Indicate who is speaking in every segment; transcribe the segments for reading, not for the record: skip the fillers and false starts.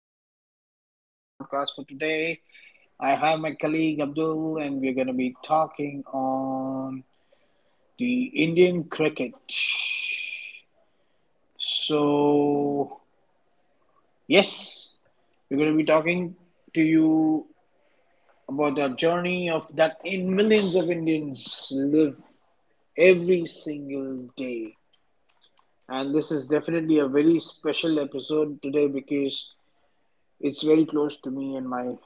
Speaker 1: welcome to our podcast for today. I have my colleague Abdul, and we're going to be talking on the Indian cricket. So, yes, we're going to be talking to you about our journey of that in millions of Indians live every single day. And this is definitely a very special episode today because it's very close to me and my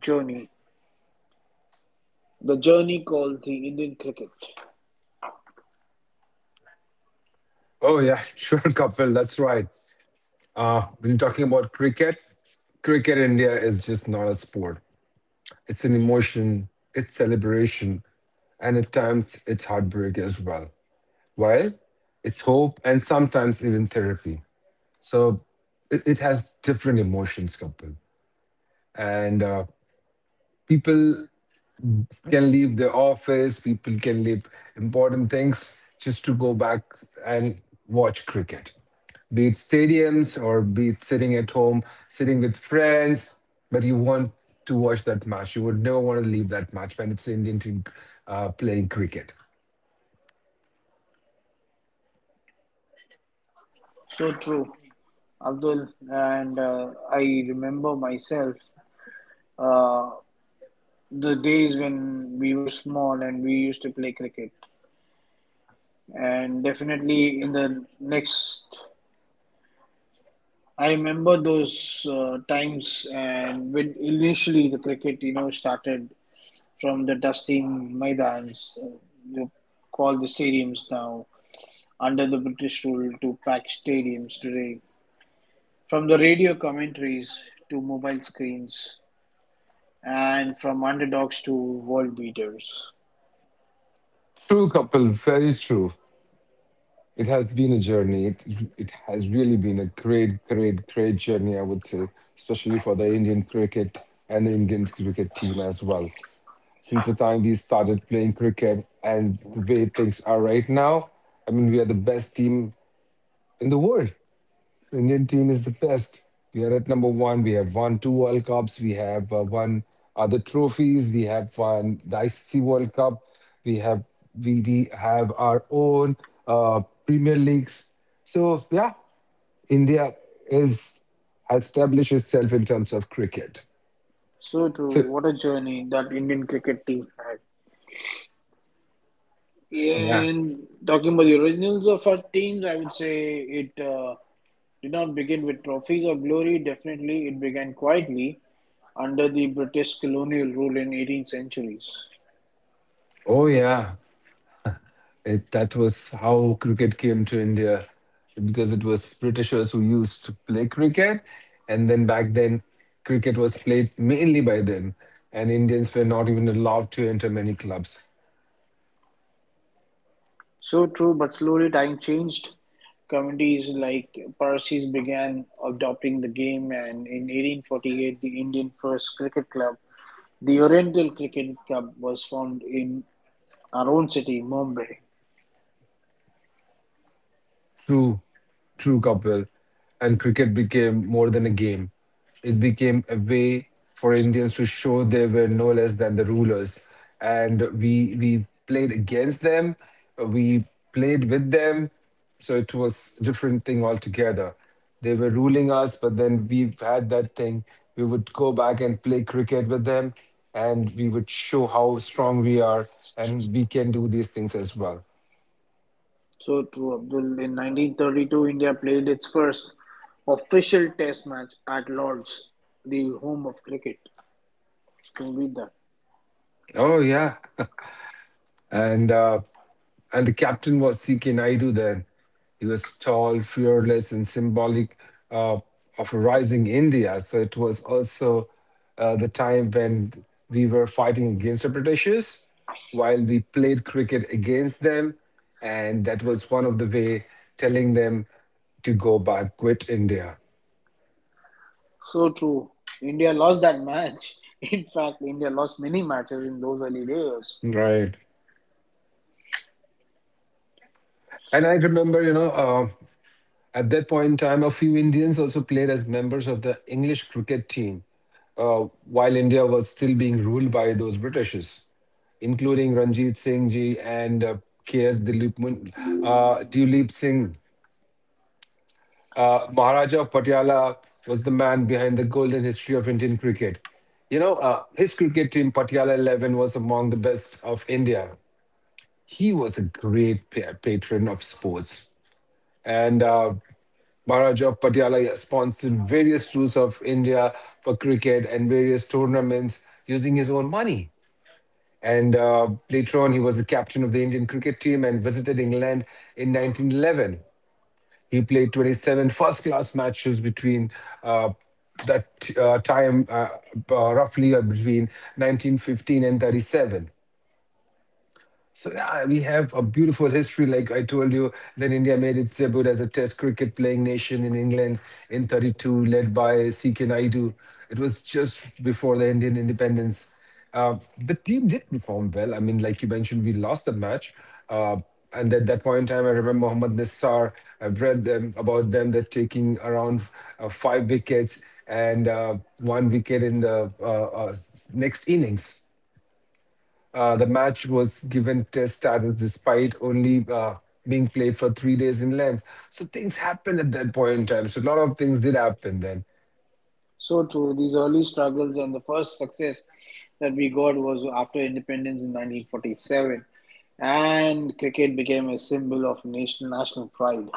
Speaker 1: journey. The journey called the Indian cricket.
Speaker 2: Oh yeah, sure, Kapil. That's right. When you're talking about cricket, in India is just not a sport. It's an emotion, it's celebration, and at times it's heartbreak as well. While it's hope and sometimes even therapy. So it has different emotions, Kapil. And people can leave their office, people can leave important things just to go back and watch cricket. Be it stadiums or be it sitting at home, sitting with friends, but you want to watch that match. You would never want to leave that match when it's Indian team playing cricket.
Speaker 1: So true, Abdul. And I remember myself uh, the days when we were small and we used to play cricket. And definitely in the next, I remember those times, and when initially the cricket, started from the dusty maidans, you call the stadiums now, under the British rule to packed stadiums today. From the radio commentaries to mobile screens, and from underdogs to world beaters.
Speaker 2: True, couple, very true. It has been a journey. It has really been a great, great, great journey. I would say, especially for the Indian cricket and the Indian cricket team as well. Since the time we started playing cricket and the way things are right now, I mean, we are the best team in the world. The Indian team is the best. We are at number one. We have won two World Cups. We have won other trophies. We have won the ICC World Cup. We have we, we have our own Premier Leagues. So yeah, India is has established itself in terms of cricket.
Speaker 1: So,
Speaker 2: So
Speaker 1: true. What a journey that Indian cricket team had.
Speaker 2: yeah,
Speaker 1: And talking about the originals of our teams, I would say it did not begin with trophies or glory. Definitely, it began quietly under the British colonial rule in 18th centuries.
Speaker 2: oh yeah. That was how cricket came to India because it was Britishers who used to play cricket. And then back then, cricket was played mainly by them. And Indians were not even allowed to enter many clubs.
Speaker 1: So true, but slowly time changed. Communities like Parsis began adopting the game, and in 1848, the Indian First Cricket Club, the Oriental Cricket Club, was formed in our own city, Mumbai.
Speaker 2: True, true, Kapil. And cricket became more than a game. It became a way for Indians to show they were no less than the rulers. And we played against them, we played with them. So it was a different thing altogether. They were ruling us, but then we had that thing. We would go back and play cricket with them, and we would show how strong we are, and we can do these things as well.
Speaker 1: So true, Abdul. In 1932, India played its first official test match at Lord's, the home of cricket. Can you beat that?
Speaker 2: Oh yeah, and uh, and the captain was C.K. Naidu then. He was tall, fearless, and symbolic uh, of a rising India. So it was also the time when we were fighting against the Britishers, while we played cricket against them, and that was one of the way telling them to go back, quit India,
Speaker 1: So true. India lost that match. In fact, India lost many matches in those early days.
Speaker 2: right? And I remember, at that point in time, a few Indians also played as members of the English cricket team while India was still being ruled by those Britishes, including Ranjit Singh ji and K.S. Dilip, Dilip Singh. Maharaja of Patiala was the man behind the golden history of Indian cricket. You know, his cricket team, Patiala 11, was among the best of India. He was a great patron of sports and Maharaj of Patiala sponsored various tours of India for cricket and various tournaments using his own money. And later on, he was the captain of the Indian cricket team and visited England in 1911. He played 27 first class matches between uh, that time, roughly between 1915 and 37. So yeah, we have a beautiful history. Like I told you, then India made its debut as a Test cricket playing nation in England in 32, led by C.K. Naidu. It was just before the Indian independence. The team did perform well. I mean, like you mentioned, we lost the match. Uh, and at that point in time, I remember Mohammad Nassar. I've read them about them. They're taking around five wickets and one wicket in the next innings. The match was given test status despite only being played for 3 days in length. So things happened at that point in time. So a lot of things did happen then.
Speaker 1: So true. These early struggles and the first success that we got was after independence in 1947, and cricket became a symbol of national pride.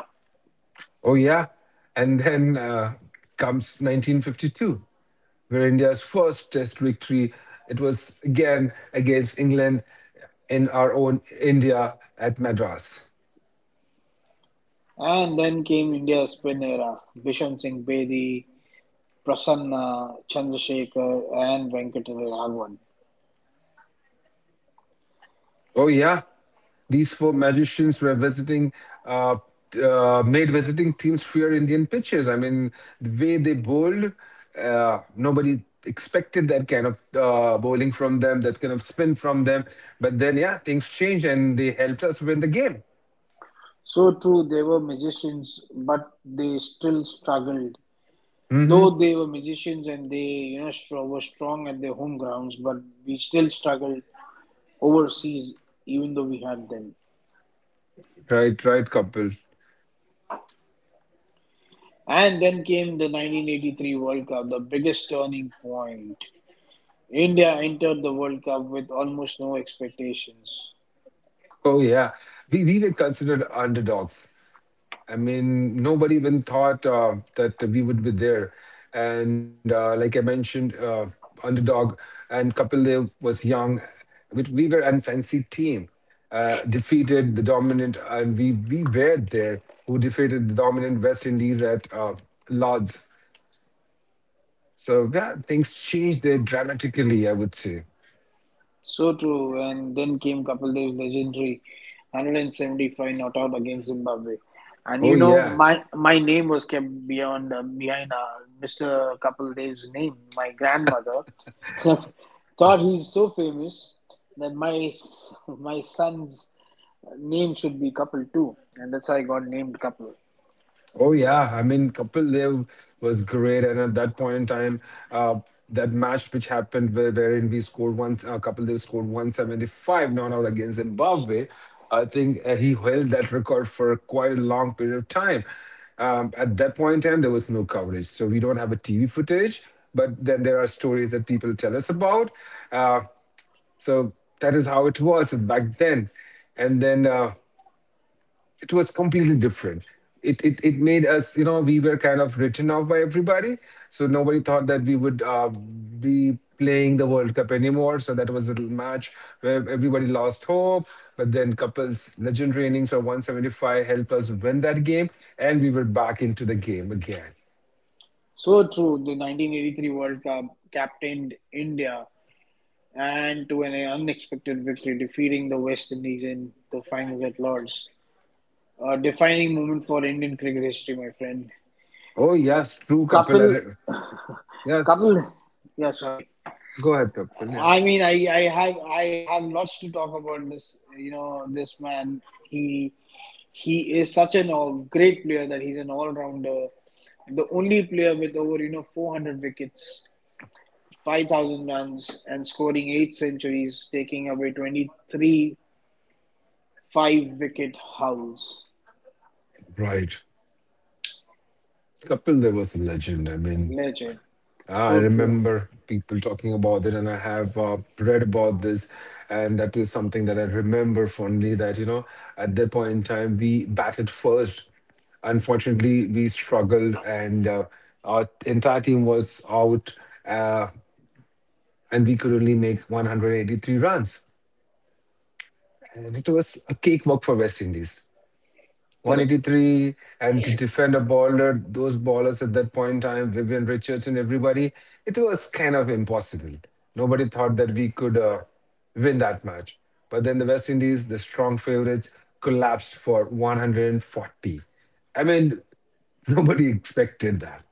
Speaker 2: Oh, yeah. And then comes 1952 where India's first Test victory. It was again against England in our own India at Madras.
Speaker 1: And then came India's spin era: Bishan Singh Bedi, Prasanna, Chandrasekhar, and Venkataraman.
Speaker 2: Oh yeah, these four magicians were visiting, uh, made visiting teams fear Indian pitches. I mean, the way they bowled, nobody expected that kind of bowling from them, that kind of spin from them. But then, yeah, things changed and they helped us win the game.
Speaker 1: So true, they were magicians, but they still struggled. Though they were magicians and they were strong at their home grounds, but we still struggled overseas, even though we had them.
Speaker 2: Right, right, couple.
Speaker 1: And then came the 1983 World Cup, the biggest turning point. India entered the World Cup with almost no expectations.
Speaker 2: Oh yeah, we were considered underdogs. I mean, nobody even thought that we would be there. And like I mentioned, underdog and Kapil Dev was young. We were an fancy team, defeated the dominant, and we were there who defeated the dominant West Indies at Lords. So yeah, things changed there dramatically, I would say.
Speaker 1: So true. And then came Kapil Dev's legendary 175 not out against Zimbabwe. And
Speaker 2: Oh
Speaker 1: you know,
Speaker 2: yeah.
Speaker 1: my my name was kept beyond behind Mr. Kapil Dev's name. My grandmother thought he's so famous that my my son's name should be Kapil too, and that's how I got named Kapil.
Speaker 2: Oh yeah, I mean Kapil Dev was great, and at that point in time, uh, that match which happened where, wherein we scored Kapil Dev scored 175 not out against Zimbabwe. I think he held that record for quite a long period of time. At that point in time, there was no coverage, so we don't have a TV footage. But then there are stories that people tell us about. Uh, so that is how it was back then, and then it was completely different. It made us, you know, we were kind of written off by everybody. So nobody thought that we would be playing the World Cup anymore. So that was a little match where everybody lost hope. But then couples legendary innings of 175 helped us win that game, and we were back into the game again.
Speaker 1: So true. The 1983 World Cup captained India and to an unexpected victory, defeating the West Indies in the finals at Lords. A defining moment for Indian cricket history, my friend.
Speaker 2: Oh yes, true, Kapil. I
Speaker 1: Kapil,
Speaker 2: re- Yes,
Speaker 1: Kapil, yeah, sorry.
Speaker 2: go ahead, Kapil. Yeah,
Speaker 1: I mean, I have lots to talk about this. You know, this man. He he is such an all great player that he's an all-rounder. The only player with over 400 wickets, 5,000 runs, and scoring eight centuries, taking away 23 five-wicket hauls.
Speaker 2: right. Kapil, there was a legend. I mean.
Speaker 1: Legend.
Speaker 2: I
Speaker 1: So true.
Speaker 2: remember people talking about it, and I have read about this, and that is something that I remember fondly. That you know, at that point in time, we batted first. Unfortunately, we struggled, and our entire team was out, uh, and we could only make 183 runs, and it was a cakewalk for West Indies.
Speaker 1: Correct.
Speaker 2: 183 and to defend a bowler, those bowlers at that point in time, Vivian Richards and everybody, it was kind of impossible. Nobody thought that we could win that match. But then the West Indies, the strong favorites, collapsed for 140. I mean, nobody expected that.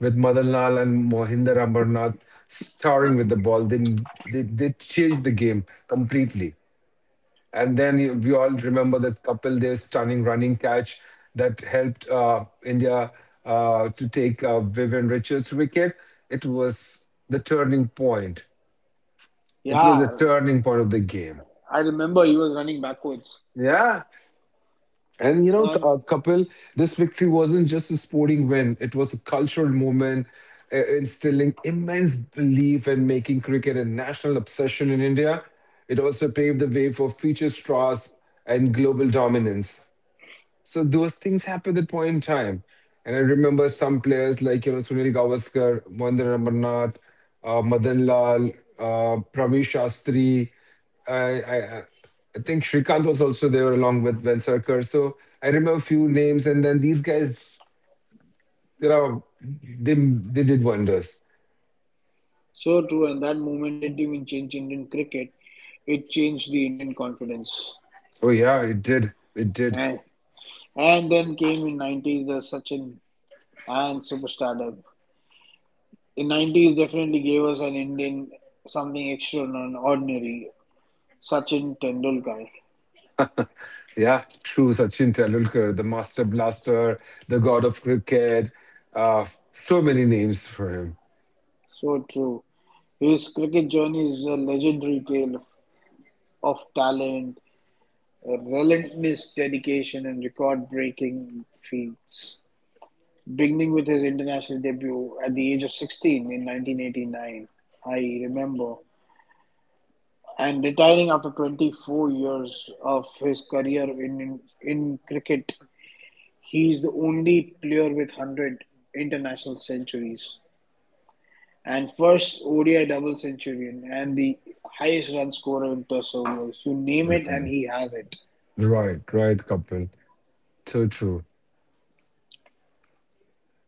Speaker 2: With Madan Lal and Mohinder Amarnath starring with the ball, they changed the game completely. And then we all remember the Kapil, their stunning running catch that helped India to take Vivian Richards' wicket. It was the turning point. It was a
Speaker 1: Yeah,
Speaker 2: turning point of the game.
Speaker 1: I remember he was running backwards.
Speaker 2: Yeah. And you know,
Speaker 1: And
Speaker 2: Kapil, this victory wasn't just a sporting win, it was a cultural moment instilling immense belief and making cricket a national obsession in India. It also paved the way for future straws and global dominance. So those things happen at that point in time. And I remember some players like, you know, Sunil Gavaskar, Mohinder Amarnath, Madan Lal, Pravi Shastri. I, I, I I think Shrikant was also there along with Vensarkar. So I remember a few names. And then these guys, you know, they did wonders.
Speaker 1: so true, and that moment didn't even change Indian cricket. It changed the Indian confidence.
Speaker 2: Oh, yeah, it did. It did.
Speaker 1: And, and then came in 90s the Sachin and superstardom. In nineties definitely gave us an Indian something extraordinary, Sachin Tendulkar.
Speaker 2: Yeah, true. Sachin Tendulkar, the master blaster, the god of cricket. So many names for him.
Speaker 1: So true. His cricket journey is a legendary tale of talent, relentless dedication, and record breaking feats. Beginning with his international debut at the age of 16 in 1989, I remember, and retiring after 24 years of his career in cricket. He is the only player with 100 international centuries and first ODI double centurion and the highest run scorer in Plus ODIs. You name it and he has it.
Speaker 2: Right, right, Kapil. So true.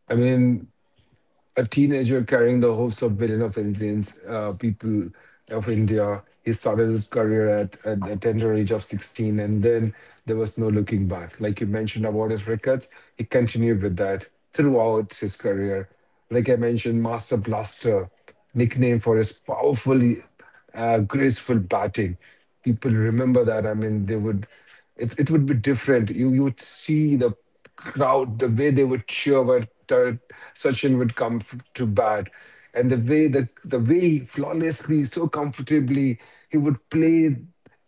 Speaker 2: I mean, a teenager carrying the hopes of billion of Indians, people of India. He started his career at the tender age of 16, and then there was no looking back. Like you mentioned about his records, he continued with that throughout his career. Like I mentioned, Master Blaster, nickname for his powerful graceful batting. People remember that. I mean, they would. It would be different. You would see the crowd, the way they would cheer when Sachin would come to bat, and the way the way he flawlessly, so comfortably, he would play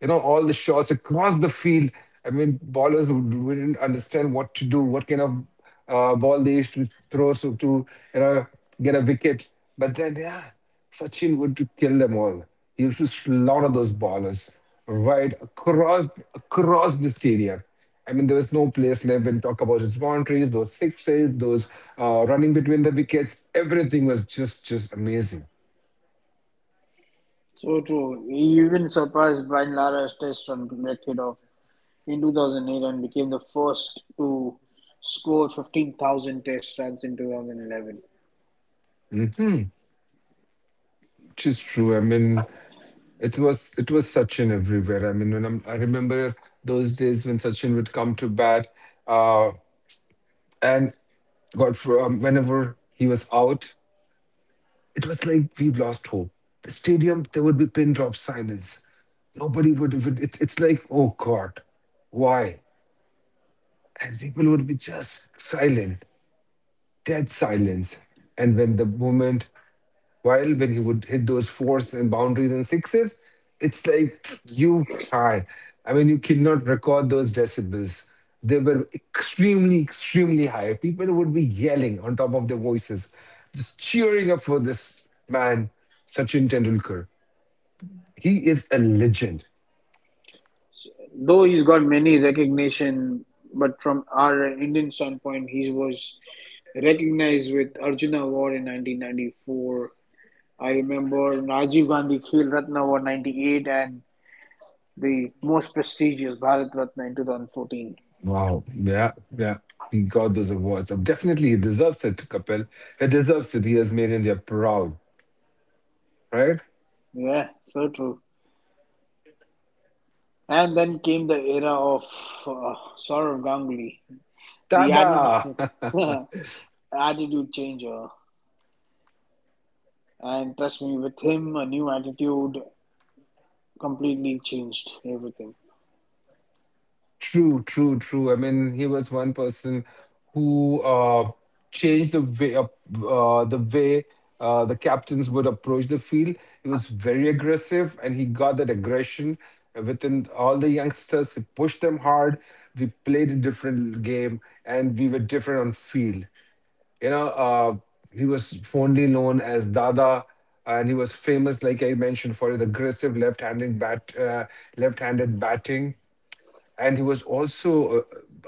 Speaker 2: you know, all the shots across the field. I mean, ballers wouldn't understand what to do, what kind of ball they used to throw so to, you know, get a wicket. But then, yeah, Sachin would to kill them all. He used to slaughter those ballers right across the stadium. I mean, there was no place left and talk about his boundaries, those sixes, those running between the wickets. Everything was just amazing.
Speaker 1: So true. He even surpassed Brian Lara's test run record of in 2008 and became the first to score 15,000 test runs in 2011.
Speaker 2: Just true. I mean, it was Sachin everywhere. I mean, I remember those days when Sachin would come to bat, uh, and whenever he was out, it was like we've lost hope. The stadium, there would be pin drop silence. Nobody would. Would it, it's like, oh God, why? And people would be just silent, dead silence. And when the moment while when he would hit those fours and boundaries and sixes, it's like you can't. I mean, you cannot record those decibels. They were extremely, extremely high. People would be yelling on top of their voices, just cheering up for this man, Sachin Tendulkar. He is a legend.
Speaker 1: Though he's got many recognition, but from our Indian standpoint, he was recognized with Arjuna Award in 1994. I remember Rajiv Gandhi Khel Ratna Award 98 and the most prestigious Bharat Ratna in 2014.
Speaker 2: Wow. Yeah. Yeah. He got those awards. So definitely he deserves it, Kapil. He deserves it. He has made India proud, right?
Speaker 1: Yeah, so true. And then came the era of uh, Saurav Ganguly, the
Speaker 2: Tada!
Speaker 1: attitude, attitude changer. And trust me, with him, a new attitude completely changed everything.
Speaker 2: True, true, true. I mean, he was one person who changed the way the captains would approach the field. He was very aggressive, and he got that aggression within all the youngsters. He pushed them hard. We played a different game, and we were different on field you know, uh, he was fondly known as Dada, and he was famous, like I mentioned, for his aggressive left-handed batting. And he was also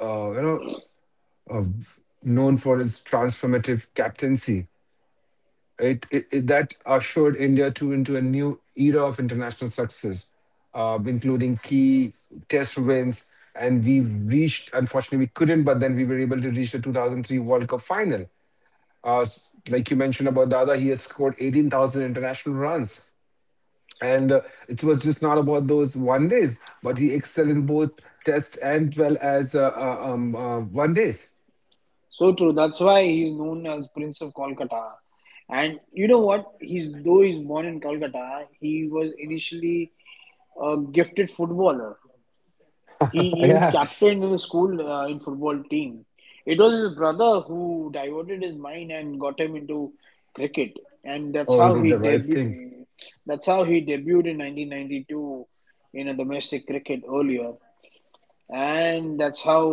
Speaker 2: uh, you know uh, known for his transformative captaincy, right? That ushered India to into a new era of international success, including key test wins. And we reached unfortunately we couldn't, but then we were able to reach the 2003 World Cup final. Like you mentioned about Dada, he had scored 18,000 international runs. And it was just not about those one days, but he excelled in both test and well as one days.
Speaker 1: So true. That's why he's known as Prince of Kolkata. And you know what? He's Though he's born in Kolkata, he was initially a gifted footballer. He even
Speaker 2: Yeah.
Speaker 1: captained the school in football team. It was his brother who diverted his mind and got him into cricket, and that's
Speaker 2: Oh, he
Speaker 1: how
Speaker 2: did
Speaker 1: he
Speaker 2: the right thing.
Speaker 1: debut. That's how he debuted in 1992 in a domestic cricket earlier. And that's how,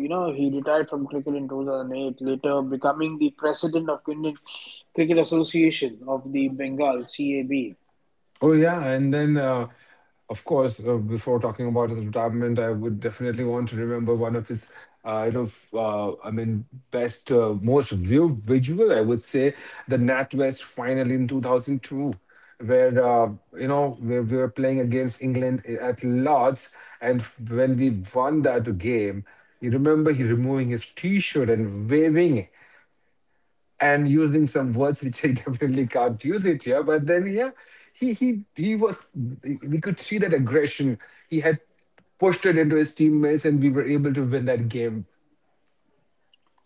Speaker 1: he retired from cricket in 2008, later becoming the president of Indian Cricket Association of the Bengal, CAB.
Speaker 2: Oh yeah, and then of course, before talking about his retirement, I would definitely want to remember one of his, uh, you know, f- uh, I mean, best, most viewed visual, I would say, the NatWest final in 2002, where you know we were playing against England at Lords, and when we won that game, you remember he removing his T-shirt and waving and using some words which I definitely can't use it here. But then, yeah, he was. We could see that aggression. He had pushed it into his teammates, and we were able to win that game.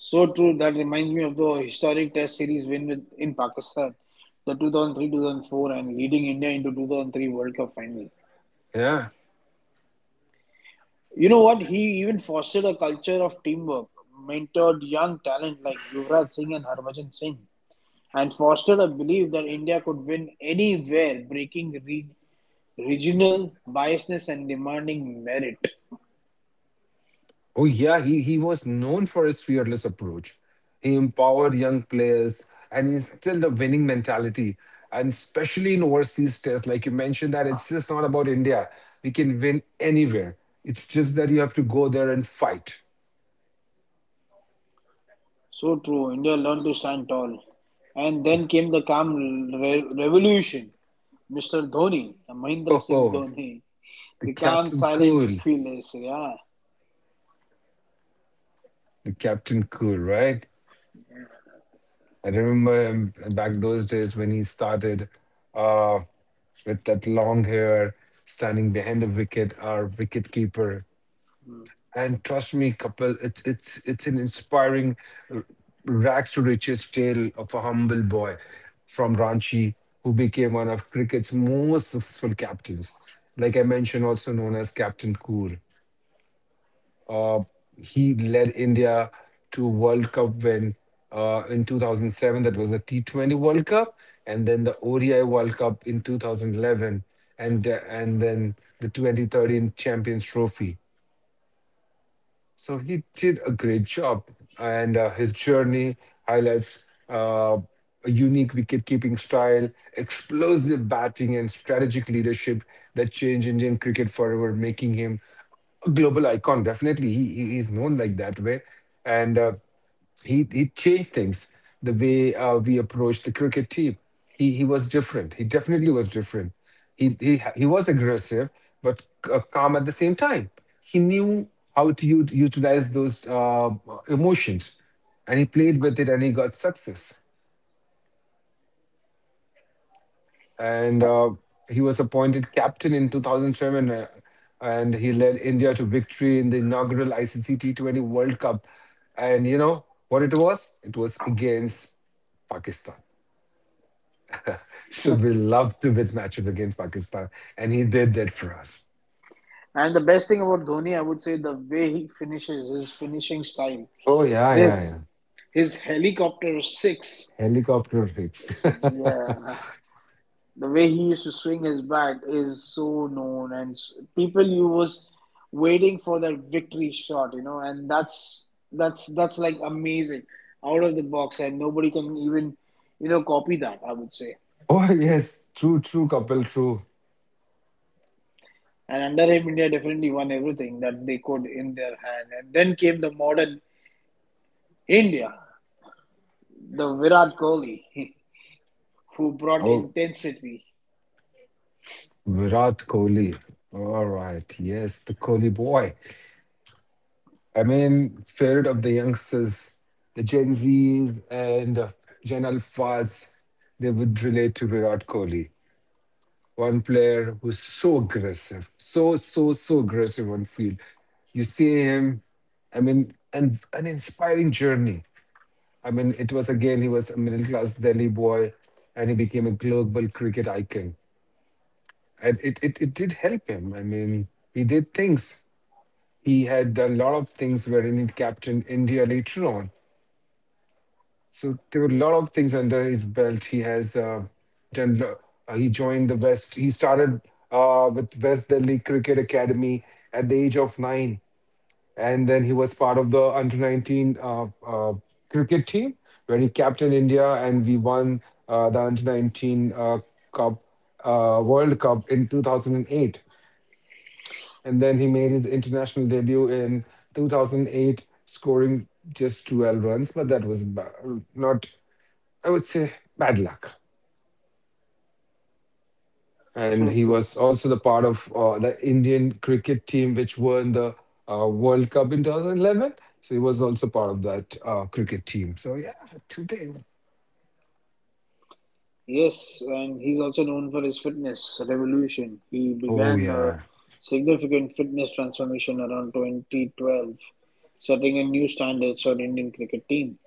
Speaker 1: So true, that reminds me of the historic Test series win in Pakistan, the 2003-2004, and leading India into 2003 World Cup final.
Speaker 2: Yeah.
Speaker 1: You know what? He even fostered a culture of teamwork, mentored young talent like Yuvraj Singh and Harbhajan Singh, and fostered a belief that India could win anywhere, breaking re Regional biasness and demanding merit.
Speaker 2: Oh yeah, he was known for his fearless approach. He empowered young players and instilled a winning mentality. And especially in overseas tests, like you mentioned, that it's just not about India. We can win anywhere. It's just that you have to go there and fight.
Speaker 1: So true. India learned to stand tall. And then came the calm revolution. Mr. Dhoni, Mahendra Singh
Speaker 2: The
Speaker 1: Dhoni, the calm,
Speaker 2: Captain
Speaker 1: silent,
Speaker 2: Cool.
Speaker 1: fearless. Yeah.
Speaker 2: The Captain Cool, right? I remember back those days when he started uh, with that long hair, standing behind the wicket, our wicket keeper. And trust me, Kapil, it's an inspiring r- rags to riches tale of a humble boy from Ranchi who became one of cricket's most successful captains. Like I mentioned, also known as Captain Cool. Uh, he led India to World Cup win in 2007. That was the T20 World Cup, and then the ODI World Cup in 2011, and uh, and then the 2013 Champions Trophy. So he did a great job, and his journey highlights a unique wicket-keeping style, explosive batting, and strategic leadership that changed Indian cricket forever, making him a global icon. Definitely, he is known like that way. And. He changed things the way we approached the cricket team. He was different. He definitely was different. He was aggressive but calm at the same time. He knew how to utilize those emotions, and he played with it, and he got success. And he was appointed captain in 2007, and he led India to victory in the inaugural ICC T20 World Cup. And you know what, it was against Pakistan, so we love to win matches against Pakistan, and he did that for us.
Speaker 1: And the best thing about Dhoni, I would say, the way he finishes, his finishing style.
Speaker 2: Oh yeah, yeah, yeah.
Speaker 1: This, his helicopter six.
Speaker 2: Helicopter hits.
Speaker 1: Yeah. The way he used to swing his bat is so known, and people you was waiting for that victory shot, and that's like amazing, out of the box, and nobody can even copy that. I would say.
Speaker 2: Oh yes, true, true, couple, true.
Speaker 1: And under him, India definitely won everything that they could in their hand. And then came the modern India, the Virat Kohli, who brought
Speaker 2: Oh,
Speaker 1: intensity.
Speaker 2: Virat Kohli. All right, yes, the Kohli boy. I mean, favorite of the youngsters, the Gen Zs and Gen Alphas, they would relate to Virat Kohli, one player who's so aggressive, so aggressive on field. You see him, I mean, and an inspiring journey. I mean, it was again he was a middle class Delhi boy, and he became a global cricket icon, and it it did help him. I mean, he did things. He had done a lot of things wherein he captained India later on. So there were a lot of things under his belt. He has done. He joined the West. He started with West Delhi Cricket Academy at the age of nine, and then he was part of the under 19 uh, cricket team where he captained India, and we won the under 19 cup, World Cup in 2008. And then he made his international debut in 2008, scoring just 12 runs, but that was not, I would say, bad luck. And he was also the part of the Indian cricket team, which won the World Cup in 2011. So he was also part of that cricket team. So yeah, today.
Speaker 1: Yes, and he's also known for his fitness revolution. He
Speaker 2: Oh
Speaker 1: began a
Speaker 2: yeah,
Speaker 1: significant fitness transformation around 2012, setting a new standard for Indian cricket team.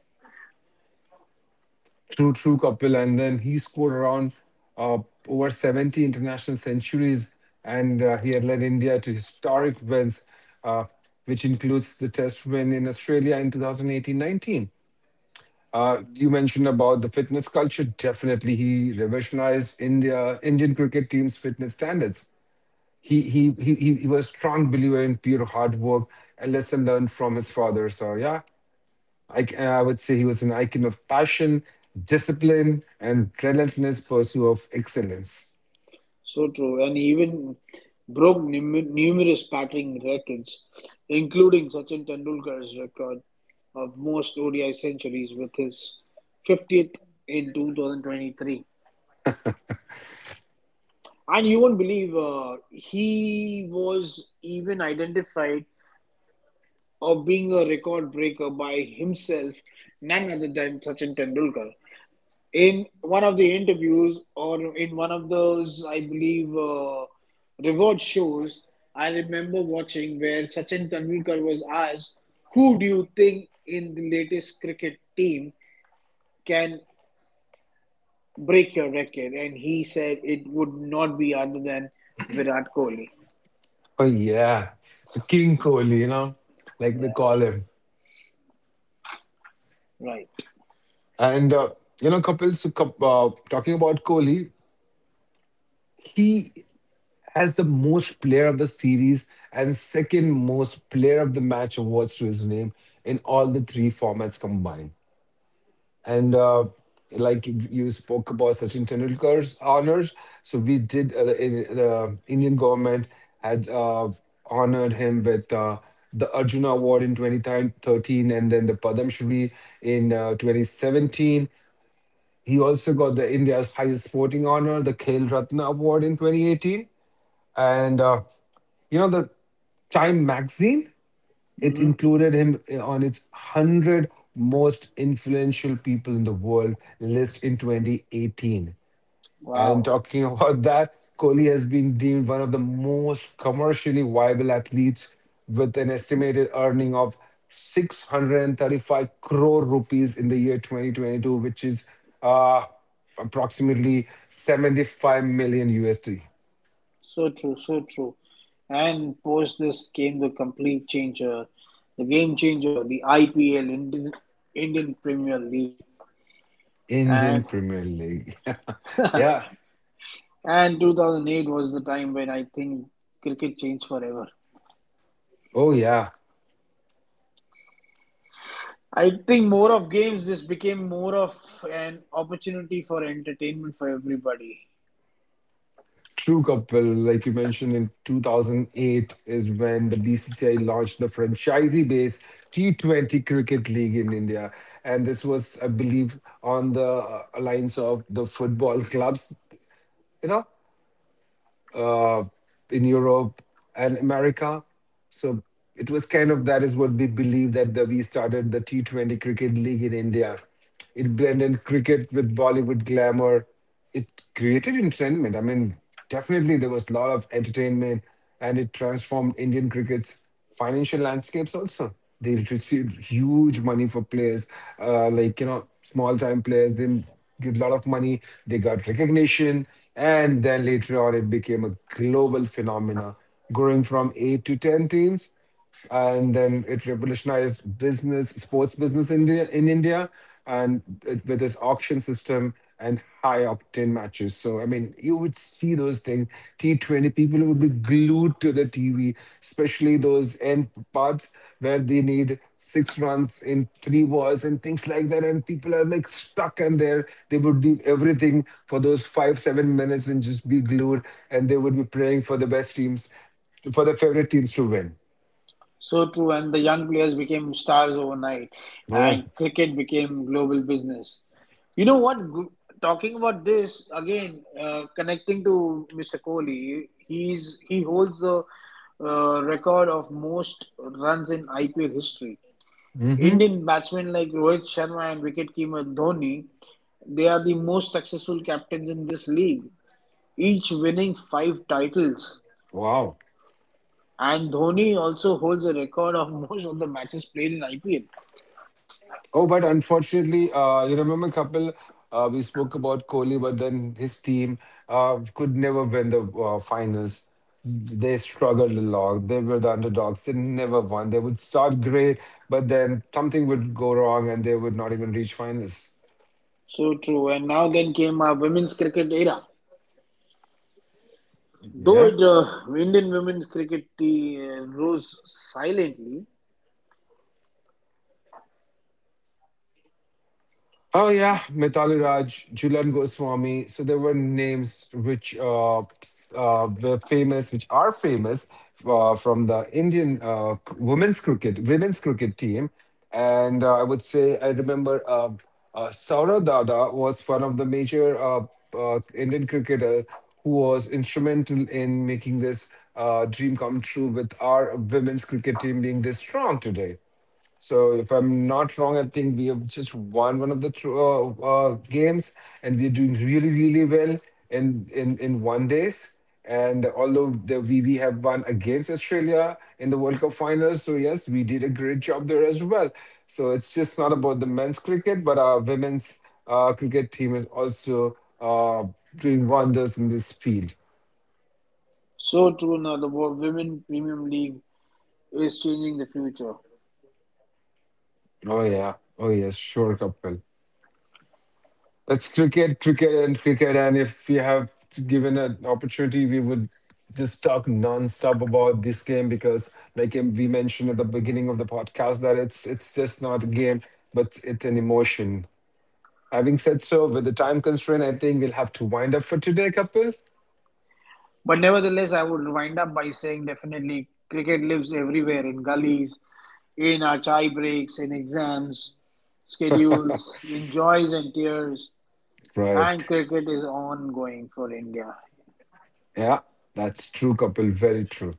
Speaker 2: true, true, Kapil. And then he scored around uh, over 70 international centuries, and he had led India to historic wins, uh, which includes the Test win in Australia in 2018-19. You mentioned about the fitness culture. Definitely, he revolutionized Indian cricket team's fitness standards. He was a strong believer in pure hard work, a lesson learned from his father. So yeah, I would say he was an icon of passion, discipline, and relentless pursuit of excellence.
Speaker 1: So true, and he even broke numerous batting records, including Sachin Tendulkar's record of most ODI centuries with his 50th in 2023. And you won't believe he was even identified of being a record breaker by himself, none other than Sachin Tendulkar. In one of the interviews, or in one of those, I believe, reward shows, I remember watching where Sachin Tendulkar was asked, "Who do you think in the latest cricket team can break your record?" And he said it would not be other than Virat Kohli.
Speaker 2: Oh yeah, the King Kohli, you know, like they
Speaker 1: Yeah,
Speaker 2: call him.
Speaker 1: right.
Speaker 2: And you know, Kapil, so, talking about Kohli, he as the most player of the series and second most player of the match awards to his name in all the three formats combined. And like you spoke about Sachin Tendulkar's honors, so we did the Indian government had honored him with the Arjuna Award in 2013, and then the Padam Shri in 2017. He also got the India's highest sporting honor, the Khel Ratna Award in 2018. And you know, the Time magazine, it
Speaker 1: Hmm.
Speaker 2: included him on its 100 most influential people in the world list in 2018. And
Speaker 1: Wow.
Speaker 2: talking about that, Kohli has been deemed one of the most commercially viable athletes with an estimated earning of 635 crore rupees in the year 2022, which is uh, approximately 75 million USD.
Speaker 1: So true, so true. And post this came the complete changer, the game changer, the IPL, Indian Premier League.
Speaker 2: Indian
Speaker 1: And
Speaker 2: Premier League. Yeah.
Speaker 1: and 2008 was the time when I think cricket changed forever.
Speaker 2: Oh, yeah.
Speaker 1: I think more of games, this became more of an opportunity for entertainment for everybody.
Speaker 2: True, couple, like you mentioned, in 2008 is when the BCCI launched the franchisee based T20 Cricket League in India. And this was, I believe, on the alliance of the football clubs, you know? uh, in Europe and America. So it was kind of that is what we believe that we started the T20 Cricket League in India. It blended cricket with Bollywood glamour. It created entertainment. I mean, definitely there was a lot of entertainment, and it transformed Indian crickets financial landscapes also. They received huge money for players, like you know, small time players. They get a lot of money. They got recognition, and then later on, it became a global phenomena, growing from eight to ten teams, and then it revolutionized business, sports business in in India, and it, with its auction system and high opt-in matches. So I mean, you would see those things. T20 people would be glued to the TV, especially those end parts where they need six runs in three balls and things like that, and people are like stuck and there they would do everything for those five seven minutes and just be glued, and they would be praying for the best teams, for the favorite teams to win.
Speaker 1: So true, and the young players became stars overnight,
Speaker 2: Oh.
Speaker 1: and cricket became global business. You know what? Talking about this again, connecting to Mr. Kohli, he holds the record of most runs in IPL history.
Speaker 2: Mm-hmm.
Speaker 1: Indian batsmen like Rohit Sharma and wicketkeeper Dhoni, they are the most successful captains in this league, each winning five titles.
Speaker 2: Wow.
Speaker 1: And Dhoni also holds a record of most of the matches played in IPL.
Speaker 2: Oh, but unfortunately, you remember Kapil, we spoke about Kohli, but then his team could never win the finals. They struggled a lot. They were the underdogs. They never won. They would start great, but then something would go wrong and they would not even reach finals.
Speaker 1: So true. And now then came our women's cricket era. Though
Speaker 2: Yeah.
Speaker 1: Indian women's cricket rose silently,
Speaker 2: Oh yeah, Mitali Raj, Julian Goswami. So there were names which were famous, which are famous from the Indian women's cricket team. And I would say I remember Saurav Dada was one of the major Indian cricketer who was instrumental in making this dream come true with our women's cricket team being this strong today. So if I'm not wrong, I think we have just won one of the games, and we're doing really, really well in one days. And although the we have won against Australia in the World Cup finals, so yes, we did a great job there as well. So it's just not about the men's cricket, but our women's cricket team is also doing wonders in this field.
Speaker 1: so true now the Women Premium League is changing the future.
Speaker 2: Oh yeah, oh yes, sure, Kapil. It's cricket, cricket, and cricket. And if we have given an opportunity, we would just talk non-stop about this game because, like we mentioned at the beginning of the podcast, that it's just not a game, but it's an emotion. Having said so, with the time constraint, I think we'll have to wind up for today, Kapil.
Speaker 1: But nevertheless, I would wind up by saying definitely cricket lives everywhere in gullies, in our chai breaks, in exams, schedules, in joys and tears. And
Speaker 2: Right.
Speaker 1: cricket is ongoing for India.
Speaker 2: Yeah, that's true, Kapil. Very true.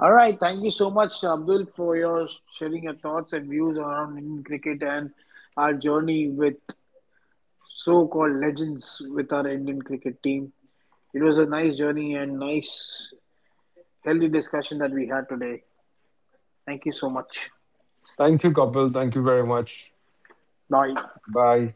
Speaker 1: All right, thank you so much, Abdul, for your sharing your thoughts and views around Indian cricket and our journey with so-called legends with our Indian cricket team. It was a nice journey and nice, healthy discussion that we had today. Thank you so much.
Speaker 2: Thank you, Kapil. Thank you very much.
Speaker 1: Bye.
Speaker 2: Bye.